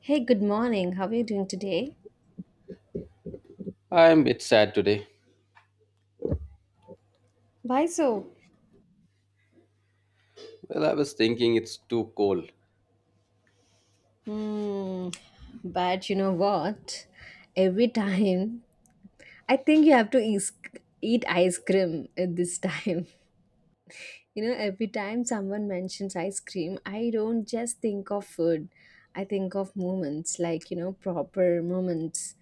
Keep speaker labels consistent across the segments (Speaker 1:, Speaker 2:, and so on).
Speaker 1: Hey, good morning. How are you doing today?
Speaker 2: I'm a bit sad today.
Speaker 1: Why so?
Speaker 2: Well, I was thinking it's too cold.
Speaker 1: Hmm. But you know what? Every time I think you have to is- eat ice cream at this time. You know, every time someone mentions ice cream, I don't just think of food. I think of moments like, you know, proper moments.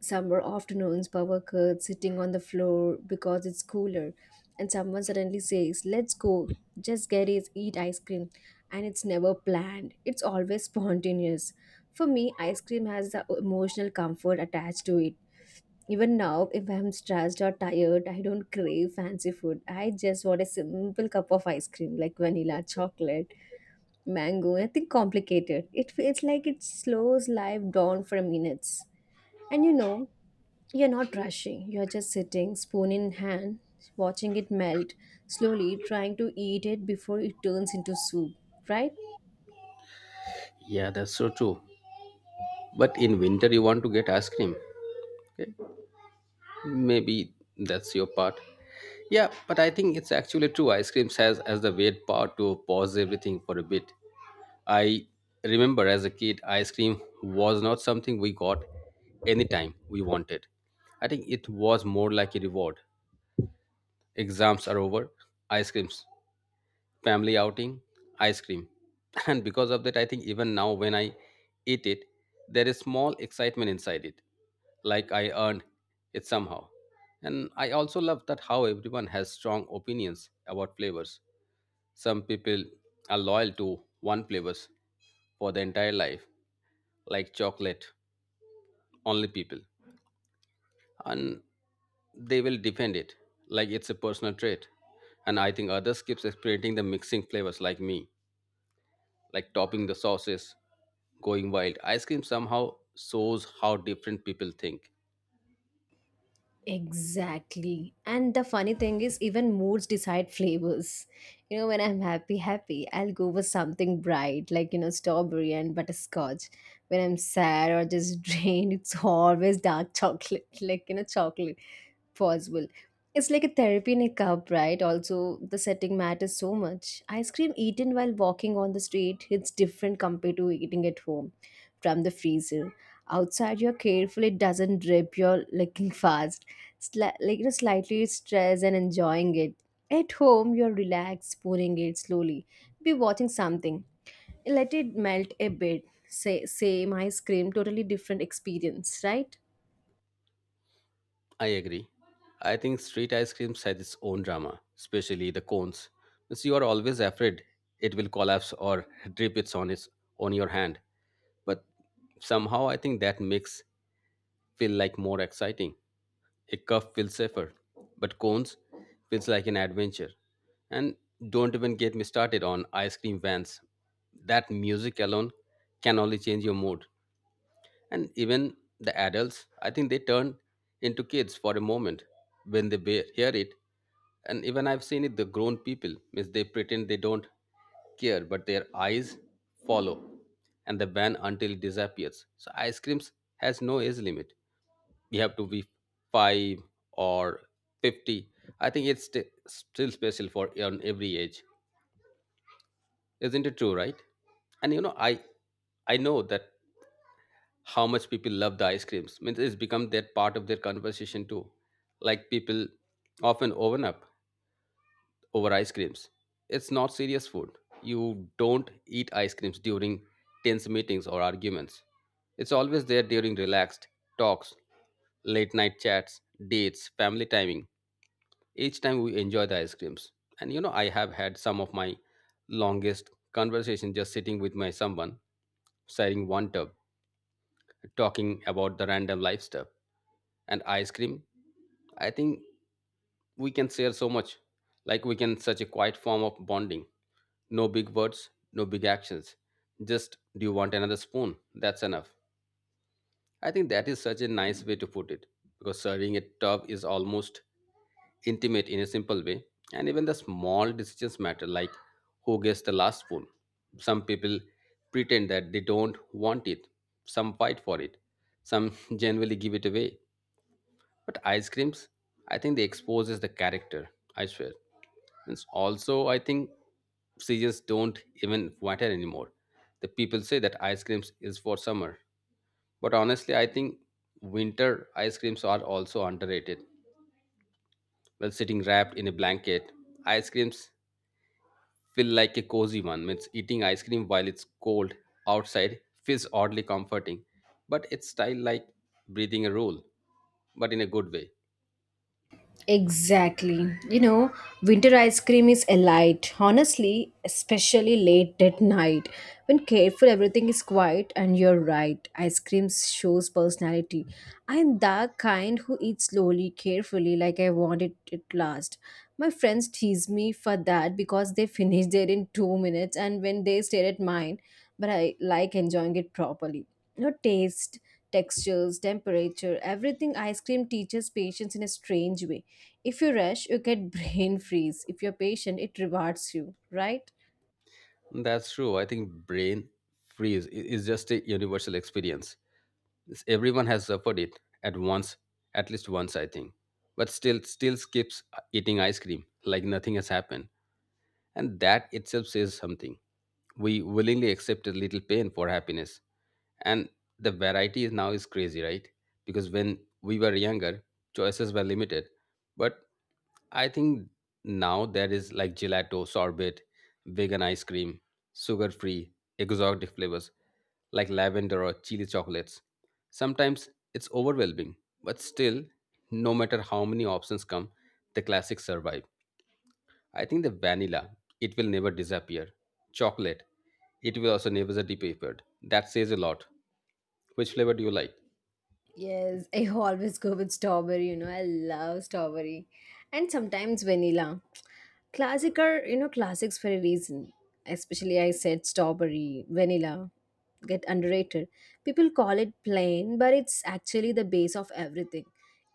Speaker 1: Summer afternoons, power curds sitting on the floor because it's cooler. And someone suddenly says, "Let's go, just get it, eat ice cream." And it's never planned, it's always spontaneous. For me, ice cream has the emotional comfort attached to it. Even now, if I'm stressed or tired, I don't crave fancy food. I just want a simple cup of ice cream like vanilla, chocolate, mango, nothing complicated. It feels like it slows life down for minutes. And you know, you're not rushing, you're just sitting, spoon in hand, watching it melt, slowly trying to eat it before it turns into soup, right?
Speaker 2: Yeah, that's so true. But in winter, you want to get ice cream. Okay? Maybe that's your part. Yeah, but I think it's actually true. Ice cream has as the weird part to pause everything for a bit. I remember as a kid, ice cream was not something we got anytime we wanted. I think it was more like a reward. Exams are over, ice creams family outing, ice cream. And because of that, I think even now when I eat it, there is small excitement inside it, like I earned it somehow. And I also love that how everyone has strong opinions about flavors. Some people are loyal to one flavors for their entire life, like chocolate, only people. And they will defend it like it's a personal trait. And I think others keeps experimenting the mixing flavors like me like topping the sauces, going wild. Ice cream somehow shows how different people think.
Speaker 1: Exactly. And the funny thing is, even moods decide flavors. You know, when I'm happy, happy, I'll go for something bright, like, you know, strawberry and butterscotch. When I'm sad or just drained, it's always dark chocolate, like, you know, chocolate possible. It's like a therapy in a cup, right? Also, the setting matters so much. Ice cream eaten while walking on the street hits different compared to eating at home from the freezer. Outside, you're careful it doesn't drip. You're looking fast, like you know, slightly stressed and enjoying it. At home, you're relaxed, pouring it slowly. Be watching something. Let it melt a bit. Say, same ice cream, totally different experience, right?
Speaker 2: I agree. I think street ice cream has its own drama, especially the cones. Since you are always afraid it will collapse or drip its on your hand. But somehow I think that makes feel like more exciting. A cuff feels safer, but cones feels like an adventure. And don't even get me started on ice cream vans. That music alone can only change your mood. And even the adults, I think they turn into kids for a moment when they hear it. And even I've seen it, the grown people, means they pretend they don't care, but their eyes follow and the van until it disappears. So ice creams has no age limit. We have to be five or 50. I think it's still special for on every age, isn't it true, right? And you know, I know that how much people love the ice creams, means it's become that part of their conversation too. Like people often open up over ice creams. It's not serious food. You don't eat ice creams during tense meetings or arguments. It's always there during relaxed talks, late night chats, dates, family timing. Each time we enjoy the ice creams. And you know, I have had some of my longest conversation just sitting with my someone, sharing one tub, talking about the random life stuff. And ice cream, I think we can share so much. Like we can such a quiet form of bonding. No big words, no big actions. Just do you want another spoon? That's enough. I think that is such a nice way to put it because serving a tub is almost intimate in a simple way, and even the small decisions matter, like who gets the last spoon. Some people pretend that they don't want it, some fight for it, some genuinely give it away. But ice creams, I think they exposes the character, I swear. And also, I think seasons don't even matter anymore. The people say that ice creams is for summer, but honestly, I think winter ice creams are also underrated. While sitting wrapped in a blanket, ice creams feel like a cozy one. Means eating ice cream while it's cold outside feels oddly comforting, but it's style like breathing a rule, but in a good way.
Speaker 1: Exactly. You know, winter ice cream is a light, honestly, especially late at night. When careful, everything is quiet, and you're right. Ice cream shows personality. I'm the kind who eats slowly, carefully, like I want it at last. My friends tease me for that because they finish there in 2 minutes, and when they stare at mine, but I like enjoying it properly. No taste textures, temperature, everything ice cream teaches patience in a strange way. If you rush, you get brain freeze. If you're patient, it rewards you, right?
Speaker 2: That's true. I think brain freeze is just a universal experience. Everyone has suffered it at once, at least once, I think. But still skips eating ice cream like nothing has happened. And that itself says something. We willingly accept a little pain for happiness. And the variety is now is crazy, right? Because when we were younger, choices were limited. But I think now there is like gelato, sorbet, vegan ice cream, sugar free, exotic flavors like lavender or chili chocolates. Sometimes it's overwhelming, but still, no matter how many options come, the classics survive. I think the vanilla, it will never disappear. Chocolate, it will also never disappear. That says a lot. Which flavor do you like?
Speaker 1: Yes, I always go with strawberry, you know, I love strawberry. And sometimes vanilla. Classic are, you know, classics for a reason. Especially, I said strawberry, vanilla get underrated. People call it plain, but it's actually the base of everything.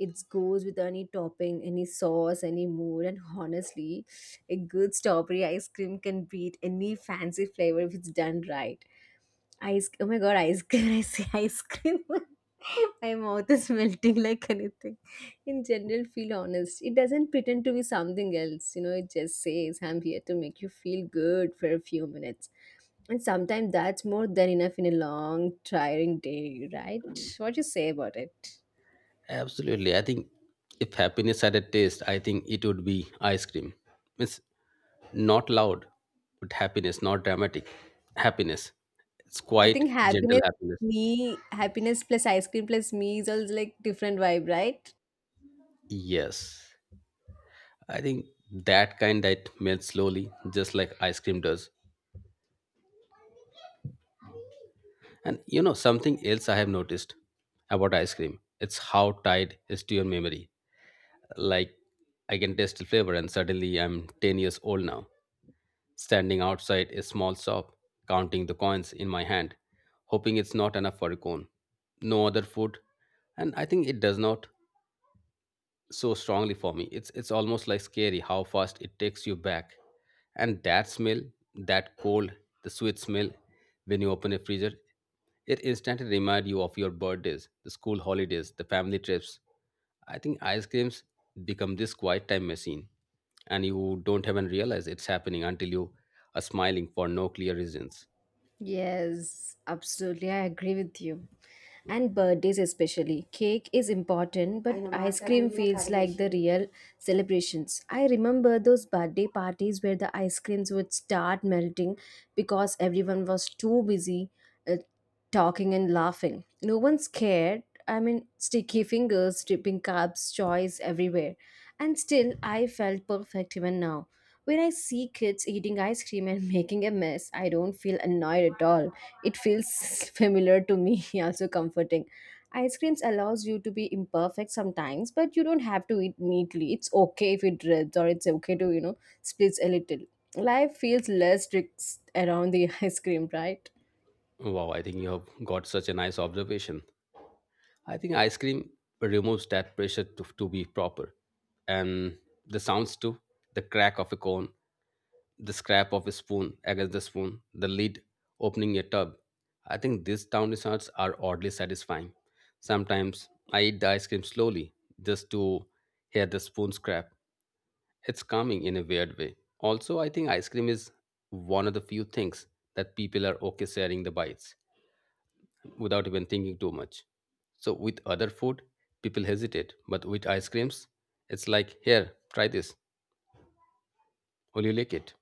Speaker 1: It goes with any topping, any sauce, any mood, and honestly, a good strawberry ice cream can beat any fancy flavor if it's done right. Ice, oh my god, ice cream. I say ice cream. My mouth is melting like anything. In general, feel honest. It doesn't pretend to be something else. You know, it just says, I'm here to make you feel good for a few minutes. And sometimes that's more than enough in a long, tiring day, right? What you say about it?
Speaker 2: Absolutely. I think if happiness had a taste, I think it would be ice cream. It's not loud, but happiness, not dramatic. Happiness. It's
Speaker 1: I
Speaker 2: quite
Speaker 1: think
Speaker 2: gentle
Speaker 1: happiness,
Speaker 2: happiness.
Speaker 1: me, happiness plus ice cream plus me is also like different vibe, right?
Speaker 2: Yes. I think that kind that melts slowly, just like ice cream does. And you know, something else I have noticed about ice cream, it's how tied is to your memory. Like, I can taste the flavor, and suddenly I'm 10 years old now, standing outside a small shop, counting the coins in my hand, hoping it's not enough for a cone. No other food, and I think it does not so strongly for me. It's almost like scary how fast it takes you back. And that smell, that cold, the sweet smell when you open a freezer, it instantly reminds you of your birthdays, the school holidays, the family trips. I think ice creams become this quiet time machine, and you don't even realize it's happening until you are smiling for no clear reasons.
Speaker 1: Yes, absolutely. I agree with you. And birthdays especially. Cake is important, but ice cream feels like the real celebrations. I remember those birthday parties where the ice creams would start melting because everyone was too busy uh, talking and laughing. No one's cared. I mean, sticky fingers, dripping cups, choice everywhere. And still, I felt perfect even now. When I see kids eating ice cream and making a mess, I don't feel annoyed at all. It feels familiar to me, also comforting. Ice creams allows you to be imperfect sometimes, but you don't have to eat neatly. It's okay if it drips or it's okay to, you know, split a little. Life feels less strict around the ice cream, right?
Speaker 2: Wow, I think you have got such a nice observation. I think ice cream removes that pressure to be proper. And the sounds too, the crack of a cone, the scrap of a spoon against the spoon, the lid opening a tub. I think these town desserts are oddly satisfying. Sometimes I eat the ice cream slowly just to hear the spoon scrap. It's calming in a weird way. Also, I think ice cream is one of the few things that people are okay sharing the bites without even thinking too much. So with other food, people hesitate, but with ice creams, it's like, here, try this. Will you like it?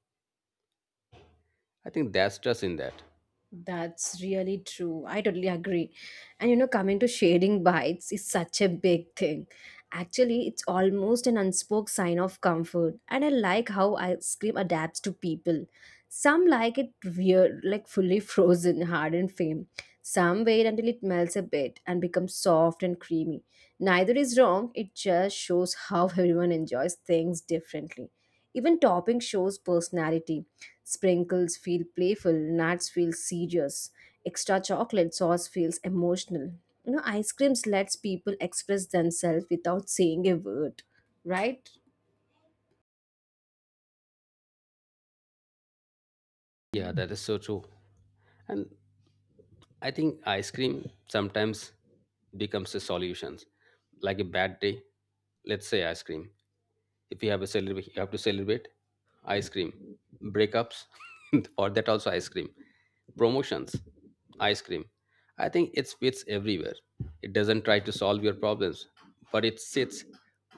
Speaker 2: I think that's trust in that.
Speaker 1: That's really true. I totally agree. And you know, coming to shading bites is such a big thing. Actually, it's almost an unspoken sign of comfort. And I like how ice cream adapts to people. Some like it weird, like fully frozen, hard and firm. Some wait until it melts a bit and becomes soft and creamy. Neither is wrong, it just shows how everyone enjoys things differently. Even topping shows personality. Sprinkles feel playful, nuts feel serious, extra chocolate sauce feels emotional. You know, ice creams lets people express themselves without saying a word, right?
Speaker 2: Yeah, that is so true. And I think ice cream sometimes becomes a solution. Like a bad day, let's say ice cream. If you have a celebrate, you have to celebrate ice cream. Breakups, for that also ice cream. Promotions, ice cream. I think it fits everywhere. It doesn't try to solve your problems, but it sits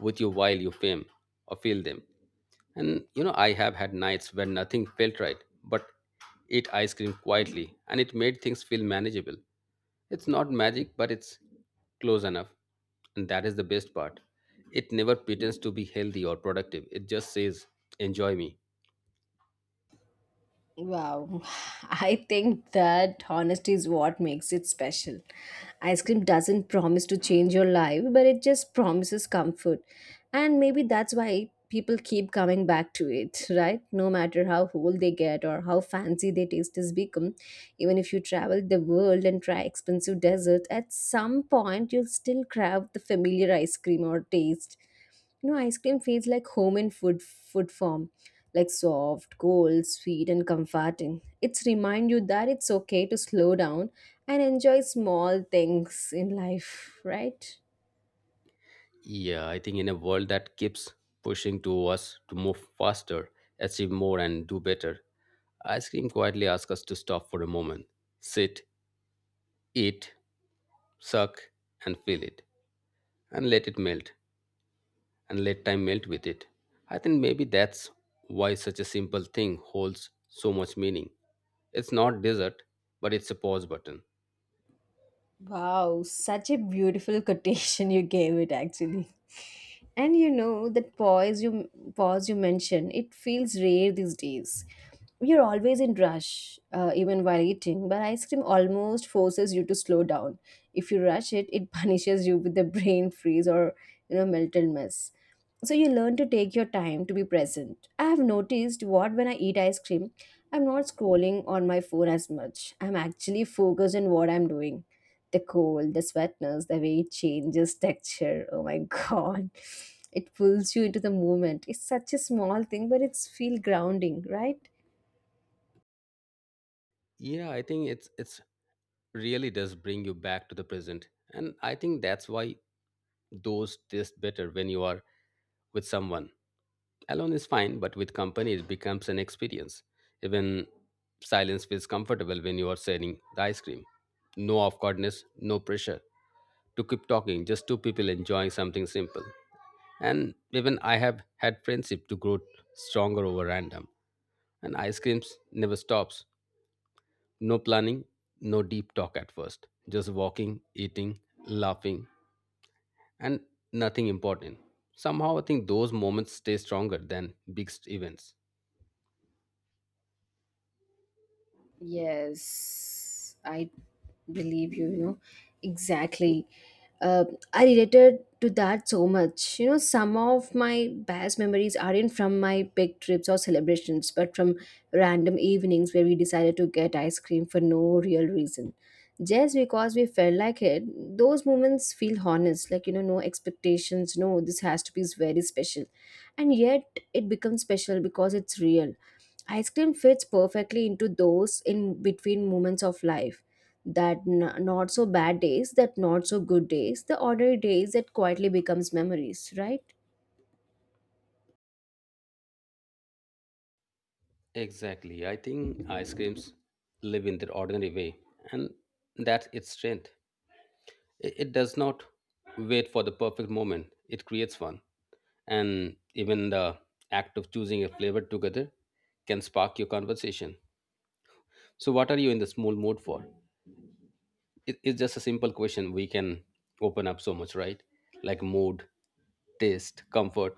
Speaker 2: with you while you fame or feel them. And you know, I have had nights when nothing felt right, but ate ice cream quietly and it made things feel manageable. It's not magic, but it's close enough. And that is the best part. It never pretends to be healthy or productive. It just says, enjoy me.
Speaker 1: Wow, I think that honesty is what makes it special. Ice cream doesn't promise to change your life, but it just promises comfort. And maybe that's why people keep coming back to it, right? No matter how whole they get or how fancy their taste has become, even if you travel the world and try expensive desserts, at some point you'll still crave the familiar ice cream or taste. You know, ice cream feels like home in food form, like soft, cold, sweet, and comforting. It's remind you that it's okay to slow down and enjoy small things in life, right?
Speaker 2: Yeah, I think in a world that keeps pushing to us to move faster, achieve more, and do better, ice cream quietly asks us to stop for a moment, sit, eat, suck, and feel it, and let it melt, and let time melt with it. I think maybe that's why such a simple thing holds so much meaning. It's not desert, but it's a pause button.
Speaker 1: Wow, such a beautiful quotation you gave it actually. And you know that pause you mentioned it feels rare these days. You're always in rush, even while eating. But ice cream almost forces you to slow down. If you rush it, it punishes you with the brain freeze or you know mental mess. So you learn to take your time to be present. I have noticed what when I eat ice cream, I'm not scrolling on my phone as much. I'm actually focused on what I'm doing the cold, the sweatness, the way it changes texture. Oh my god. It pulls you into the moment. It's such a small thing, but it's feel grounding, right?
Speaker 2: Yeah, I think it's really does bring you back to the present. And I think that's why those taste better when you are with someone. Alone is fine, but with company it becomes an experience. Even silence feels comfortable when you are sharing the ice cream. No awkwardness, no pressure to keep talking, just two people enjoying something simple. And even I have had friendship to grow stronger over random. And ice creams never stops. No planning, no deep talk at first. Just walking, eating, laughing, and nothing important. Somehow I think those moments stay stronger than big events.
Speaker 1: Yes, I believe you, you know. Exactly. uh, I related to that so much. You know, some of my best memories aren't from my big trips or celebrations, but from random evenings where we decided to get ice cream for no real reason. Just because we felt like it, those moments feel honest, like, you know, no expectations, no, this has to be very special. And yet it becomes special because it's real. Ice cream fits perfectly into those in between moments of life. Not so bad days, that not so good days, the ordinary days that quietly becomes memories, right?
Speaker 2: Exactly. I think ice creams live in their ordinary way, and that's its strength. It does not wait for the perfect moment, it creates one. And even the act of choosing a flavor together can spark your conversation. So, what are you in this mood for? It's just a simple question. We can open up so much, right? Like mood, taste, comfort.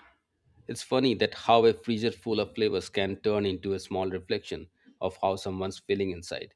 Speaker 2: It's funny that how a freezer full of flavors can turn into a small reflection of how someone's feeling inside.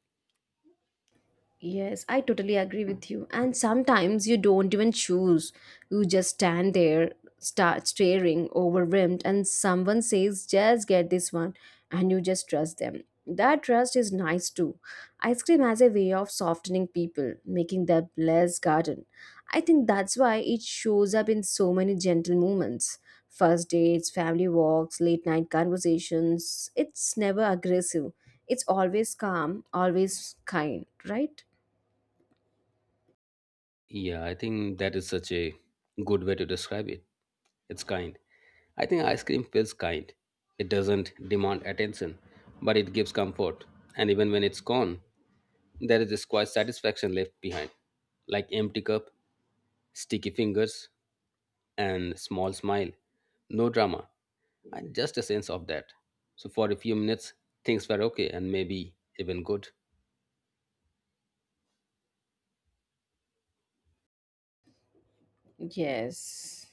Speaker 1: Yes, I totally agree with you. And sometimes you don't even choose. You just stand there, start staring, overwhelmed, and someone says, just get this one, and you just trust them. That trust is nice too. Ice cream has a way of softening people, making them less guarded. I think that's why it shows up in so many gentle moments. First dates, family walks, late night conversations. It's never aggressive. It's always calm, always kind, right?
Speaker 2: Yeah, I think that is such a good way to describe it. It's kind. I think ice cream feels kind. It doesn't demand attention, but it gives comfort. And even when it's gone, there is this quiet satisfaction left behind. Like empty cup, sticky fingers, and small smile. No drama. And just a sense of that. So for a few minutes, things were okay and maybe even good.
Speaker 1: Yes.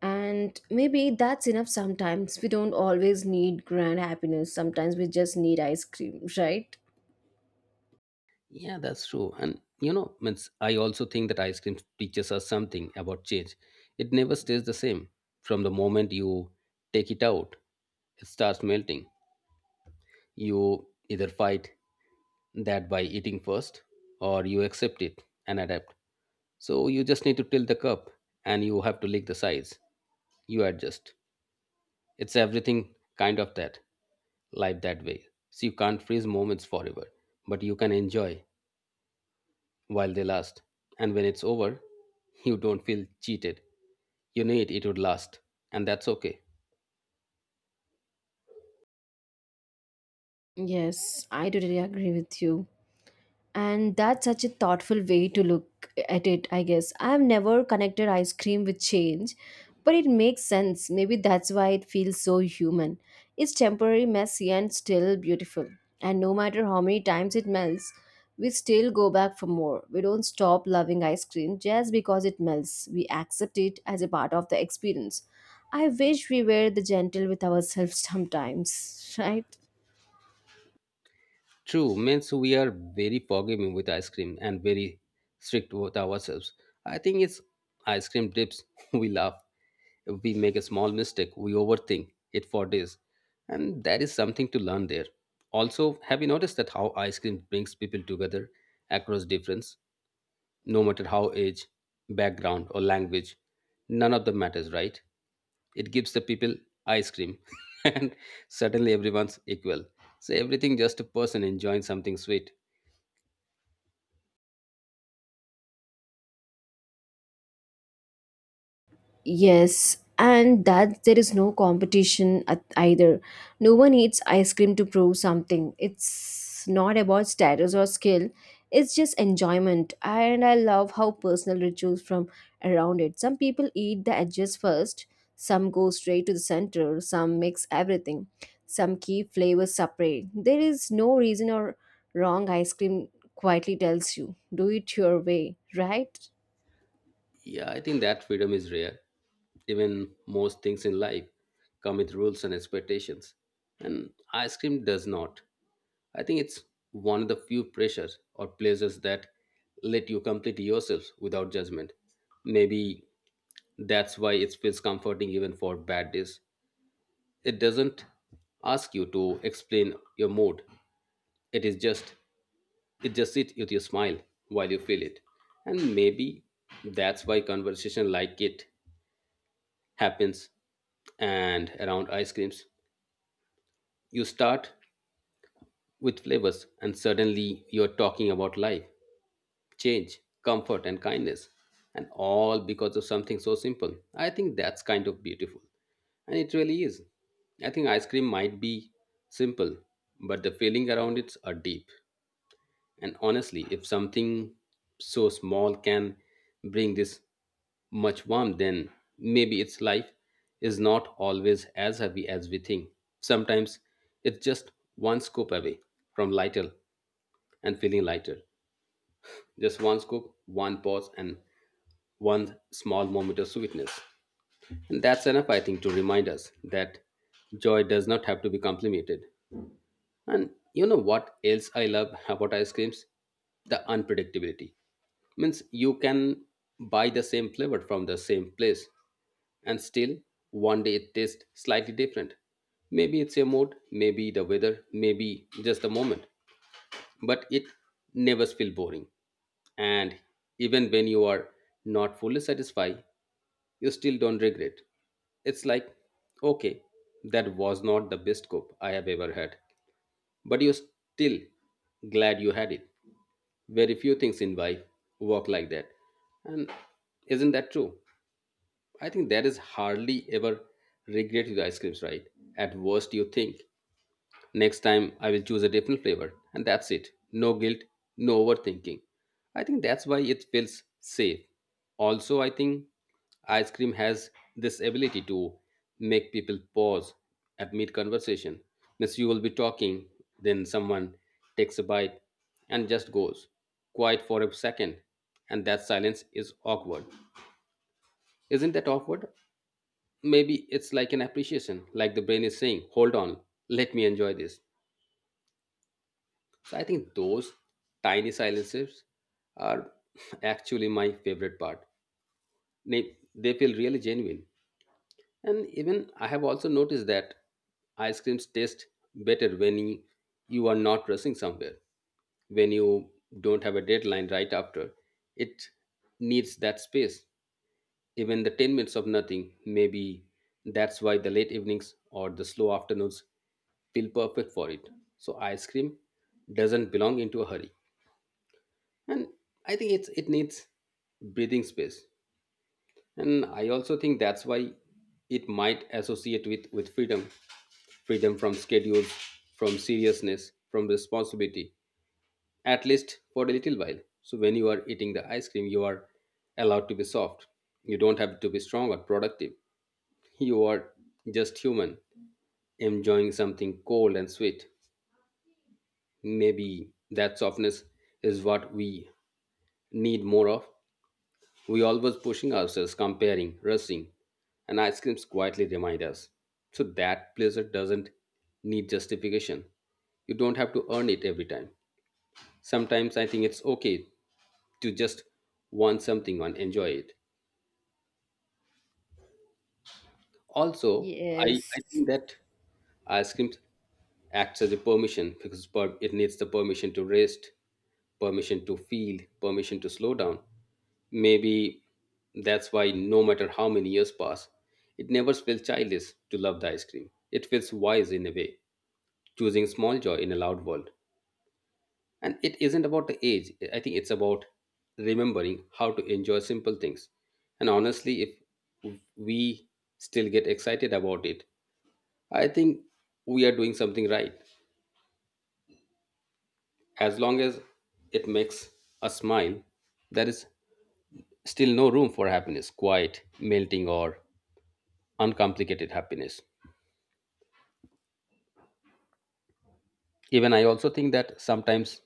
Speaker 1: And maybe that's enough sometimes. We don't always need grand happiness. Sometimes we just need ice cream, right?
Speaker 2: Yeah, that's true. And you know, means I also think that ice cream teaches us something about change. It never stays the same. From the moment you take it out, it starts melting. You either fight that by eating first or you accept it and adapt. So you just need to tilt the cup and you have to lick the sides. You adjust. It's everything kind of that. Life that way. So you can't freeze moments forever, but you can enjoy while they last. And when it's over, you don't feel cheated. You knew it, it would last. And that's okay.
Speaker 1: Yes, I totally agree with you. And that's such a thoughtful way to look at it. I guess I've never connected ice cream with change, but it makes sense. Maybe that's why it feels so human. It's temporary, messy and still beautiful, and no matter how many times it melts, we still go back for more. We don't stop loving ice cream just because it melts. We accept it as a part of the experience. I wish we were the gentle with ourselves sometimes, right?
Speaker 2: True, means we are very forgiving with ice cream and very strict with ourselves. I think it's ice cream dips. We laugh. If we make a small mistake, we overthink it for days. And that is something to learn there. Also, have you noticed that how ice cream brings people together across difference? No matter how age, background, or language, none of them matters, right? It gives the people ice cream and suddenly everyone's equal, so everything just a person enjoying something sweet.
Speaker 1: Yes, and that there is no competition at either. No one eats ice cream to prove something. It's not about status or skill. It's just enjoyment, and I love how personal rituals from around it. Some people eat the edges first, some go straight to the center, some mix everything, some keep flavors separate. There is no reason or wrong ice cream quietly tells you, do it your way, right?
Speaker 2: Yeah, I think that freedom is rare, even most things in life come with rules and expectations, and ice cream does not. I think it's one of the few pressures or pleasures that let you complete yourselves without judgment. Maybe that's why it feels comforting even for bad days. It doesn't ask you to explain your mood. It is just, it just sits with your smile while you feel it. And maybe that's why conversation like it happens and around ice creams. You start with flavors and suddenly you're talking about life, change, comfort and kindness. And all because of something so simple. I think that's kind of beautiful. And it really is. I think ice cream might be simple, but the feeling around it are deep. And honestly, if something so small can bring this much warmth, then maybe its life is not always as heavy as we think. Sometimes it's just one scoop away from lighter and feeling lighter. Just one scoop, one pause, and one small moment of sweetness. And that's enough, I think, to remind us that joy does not have to be complicated. And you know what else I love about ice creams? The unpredictability. Means you can buy the same flavor from the same place and still one day it tastes slightly different. Maybe it's your mood, maybe the weather, maybe just the moment. But it never feels boring. And even when you are not fully satisfied, you still don't regret. It's like, okay, that was not the best cook I have ever had. But you're still glad you had it. Very few things in life work like that. And isn't that true? I think there is hardly ever regret with ice creams, right? At worst, you think, next time, I will choose a different flavor, and that's it. No guilt, no overthinking. I think that's why it feels safe. Also, I think ice cream has this ability to make people pause at mid conversation. Means you will be talking, then someone takes a bite and just goes quiet for a second, and that silence is awkward. Isn't that awkward? Maybe it's like an appreciation, like the brain is saying, hold on, let me enjoy this. So I think those tiny silences are actually my favorite part. They feel really genuine. And even I have also noticed that ice creams taste better when you are not rushing somewhere, when you don't have a deadline right after. It needs that space. Even the 10 minutes of nothing, maybe that's why the late evenings or the slow afternoons feel perfect for it. So ice cream doesn't belong into a hurry. And I think it's, it needs breathing space. And I also think that's why it might associate with freedom, freedom from schedules, from seriousness, from responsibility, at least for a little while. So when you are eating the ice cream, you are allowed to be soft. You don't have to be strong or productive. You are just human enjoying something cold and sweet. Maybe that softness is what we need more of. We always pushing ourselves, comparing, rushing, and ice creams quietly remind us. So that pleasure doesn't need justification. You don't have to earn it every time. Sometimes I think it's okay to just want something and enjoy it. Also, I
Speaker 1: Yes.
Speaker 2: think that ice cream acts as a permission because it needs the permission to rest, permission to feel, permission to slow down. Maybe that's why, no matter how many years pass, it never feels childish to love the ice cream. It feels wise in a way, choosing small joy in a loud world. And it isn't about the age, I think it's about remembering how to enjoy simple things. And honestly, if we still get excited about it, I think we are doing something right. As long as it makes us smile, there is still no room for happiness, quiet, melting, or uncomplicated happiness. Even I also think that sometimes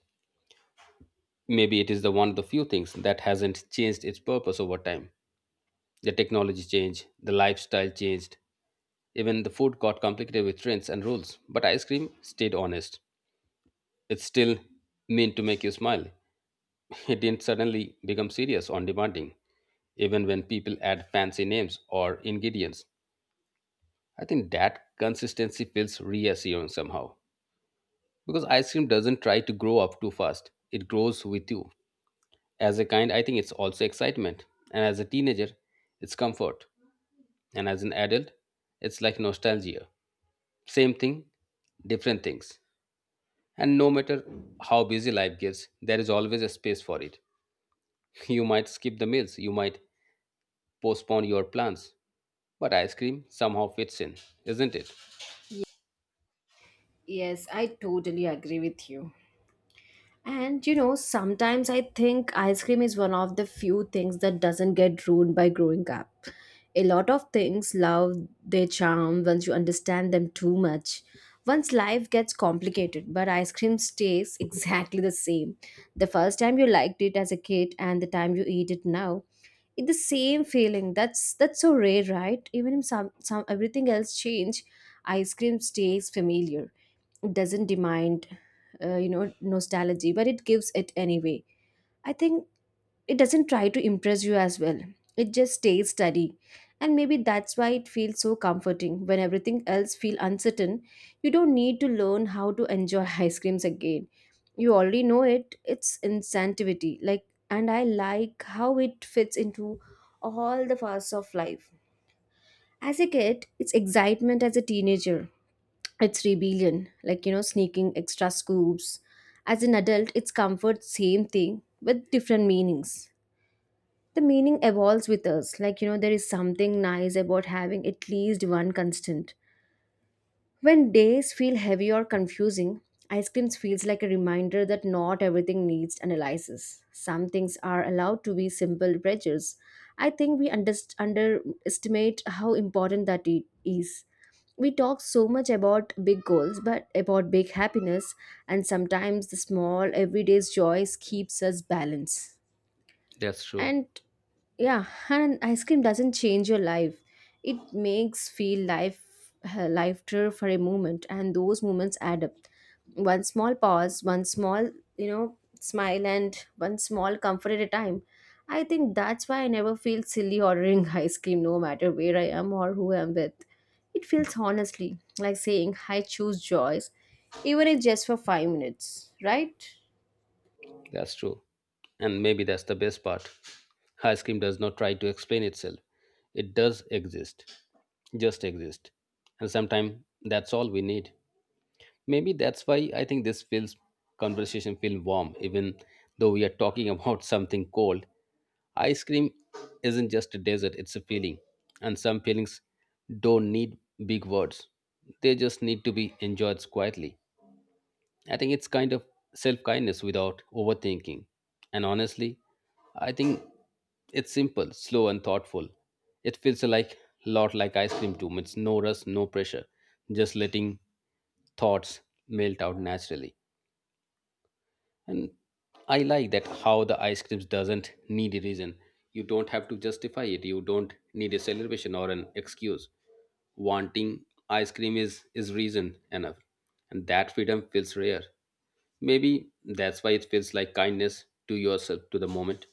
Speaker 2: maybe it is the one of the few things that hasn't changed its purpose over time. The technology changed, the lifestyle changed, even the food got complicated with trends and rules. But ice cream stayed honest. It's still meant to make you smile. It didn't suddenly become serious or demanding, even when people add fancy names or ingredients. I think that consistency feels reassuring somehow. Because ice cream doesn't try to grow up too fast, it grows with you. As a kind, I think it's also excitement. And as a teenager, it's comfort. And as an adult, it's like nostalgia. Same thing, different things. And no matter how busy life gets, there is always a space for it. You might skip the meals, you might postpone your plans. But ice cream somehow fits in, isn't it?
Speaker 1: Yes, I totally agree with you. And you know, sometimes I think ice cream is one of the few things that doesn't get ruined by growing up. A lot of things love their charm once you understand them too much. Once life gets complicated, but ice cream stays exactly the same. The first time you liked it as a kid and the time you eat it now, it the same feeling. That's so rare, right? Even if some everything else change, ice cream stays familiar. It doesn't demand you know nostalgia, but it gives it anyway. I think it doesn't try to impress you as well. It just stays steady, and maybe that's why it feels so comforting when everything else feels uncertain. You don't need to learn how to enjoy ice creams again. You already know it. It's instinctivity like, and I like how it fits into all the parts of life. As a kid it's excitement, as a teenager it's rebellion, like you know, sneaking extra scoops. As an adult it's comfort, same thing with different meanings. The meaning evolves with us. Like, you know, there is something nice about having at least one constant. When days feel heavy or confusing, ice creams feels like a reminder that not everything needs analysis. Some things are allowed to be simple pleasures. I think we underestimate how important that it is. We talk so much about big goals, but about big happiness, and sometimes the small everyday joys keeps us balanced.
Speaker 2: That's true.
Speaker 1: And yeah, and ice cream doesn't change your life, it makes feel life lighter for a moment, and those moments add up. One small pause, one small you know smile, and one small comfort at a time. I think that's why I never feel silly ordering ice cream no matter where I am or who I'm with. It feels honestly like saying I choose joys, even if just for 5 minutes, right?
Speaker 2: That's true. And maybe that's the best part. Ice cream does not try to explain itself. It does exist. Just exist. And sometimes that's all we need. Maybe that's why I think this feels conversation feel warm, even though we are talking about something cold. Ice cream isn't just a dessert, it's a feeling. And some feelings don't need big words. They just need to be enjoyed quietly. I think it's kind of self kindness without overthinking. And honestly, I think it's simple, slow, and thoughtful. It feels like lot like ice cream too. It's no rush, no pressure, just letting thoughts melt out naturally. And I like that how the ice creams doesn't need a reason. You don't have to justify it, you don't need a celebration or an excuse. Wanting ice cream is reason enough. And that freedom feels rare. Maybe that's why it feels like kindness to yourself, to the moment.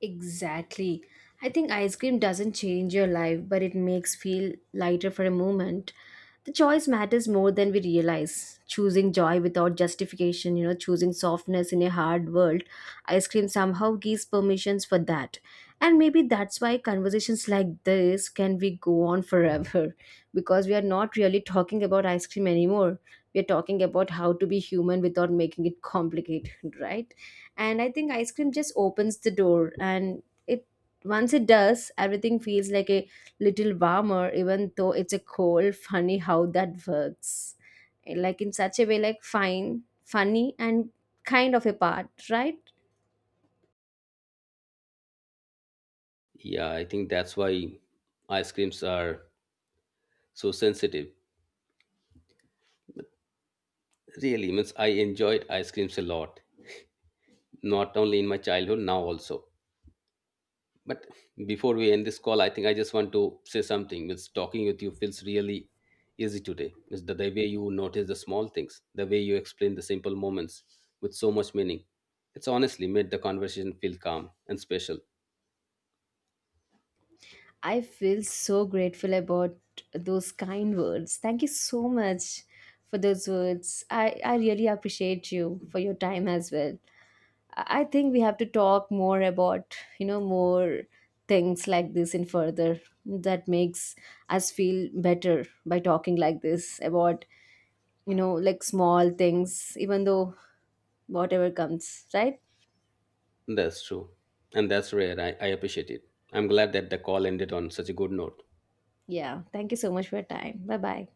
Speaker 1: Exactly. I think ice cream doesn't change your life, but it makes feel lighter for a moment. The choice matters more than we realize. Choosing joy without justification, you know, choosing softness in a hard world, ice cream somehow gives permissions for that. And maybe that's why conversations like this can we go on forever because we are not really talking about ice cream anymore. We are talking about how to be human without making it complicated, right? And I think ice cream just opens the door, and it once it does everything feels like a little warmer, even though it's a cold. Funny how that works, like in such a way, like fine, funny and kind of a part, right?
Speaker 2: Yeah, I think that's why ice creams are so sensitive. Really means I enjoyed ice creams a lot, not only in my childhood, now also. But before we end this call, I think I just want to say something. Means talking with you feels really easy today. Means the way you notice the small things, the way you explain the simple moments with so much meaning. It's honestly made the conversation feel calm and special.
Speaker 1: I feel so grateful about those kind words. Thank you so much for those words. I really appreciate you for your time as well. I think we have to talk more about, you know, more things like this in further. That makes us feel better by talking like this about, you know, like small things, even though whatever comes, right?
Speaker 2: That's true. And that's rare. I appreciate it. I'm glad that the call ended on such a good note.
Speaker 1: Yeah. Thank you so much for your time. Bye bye.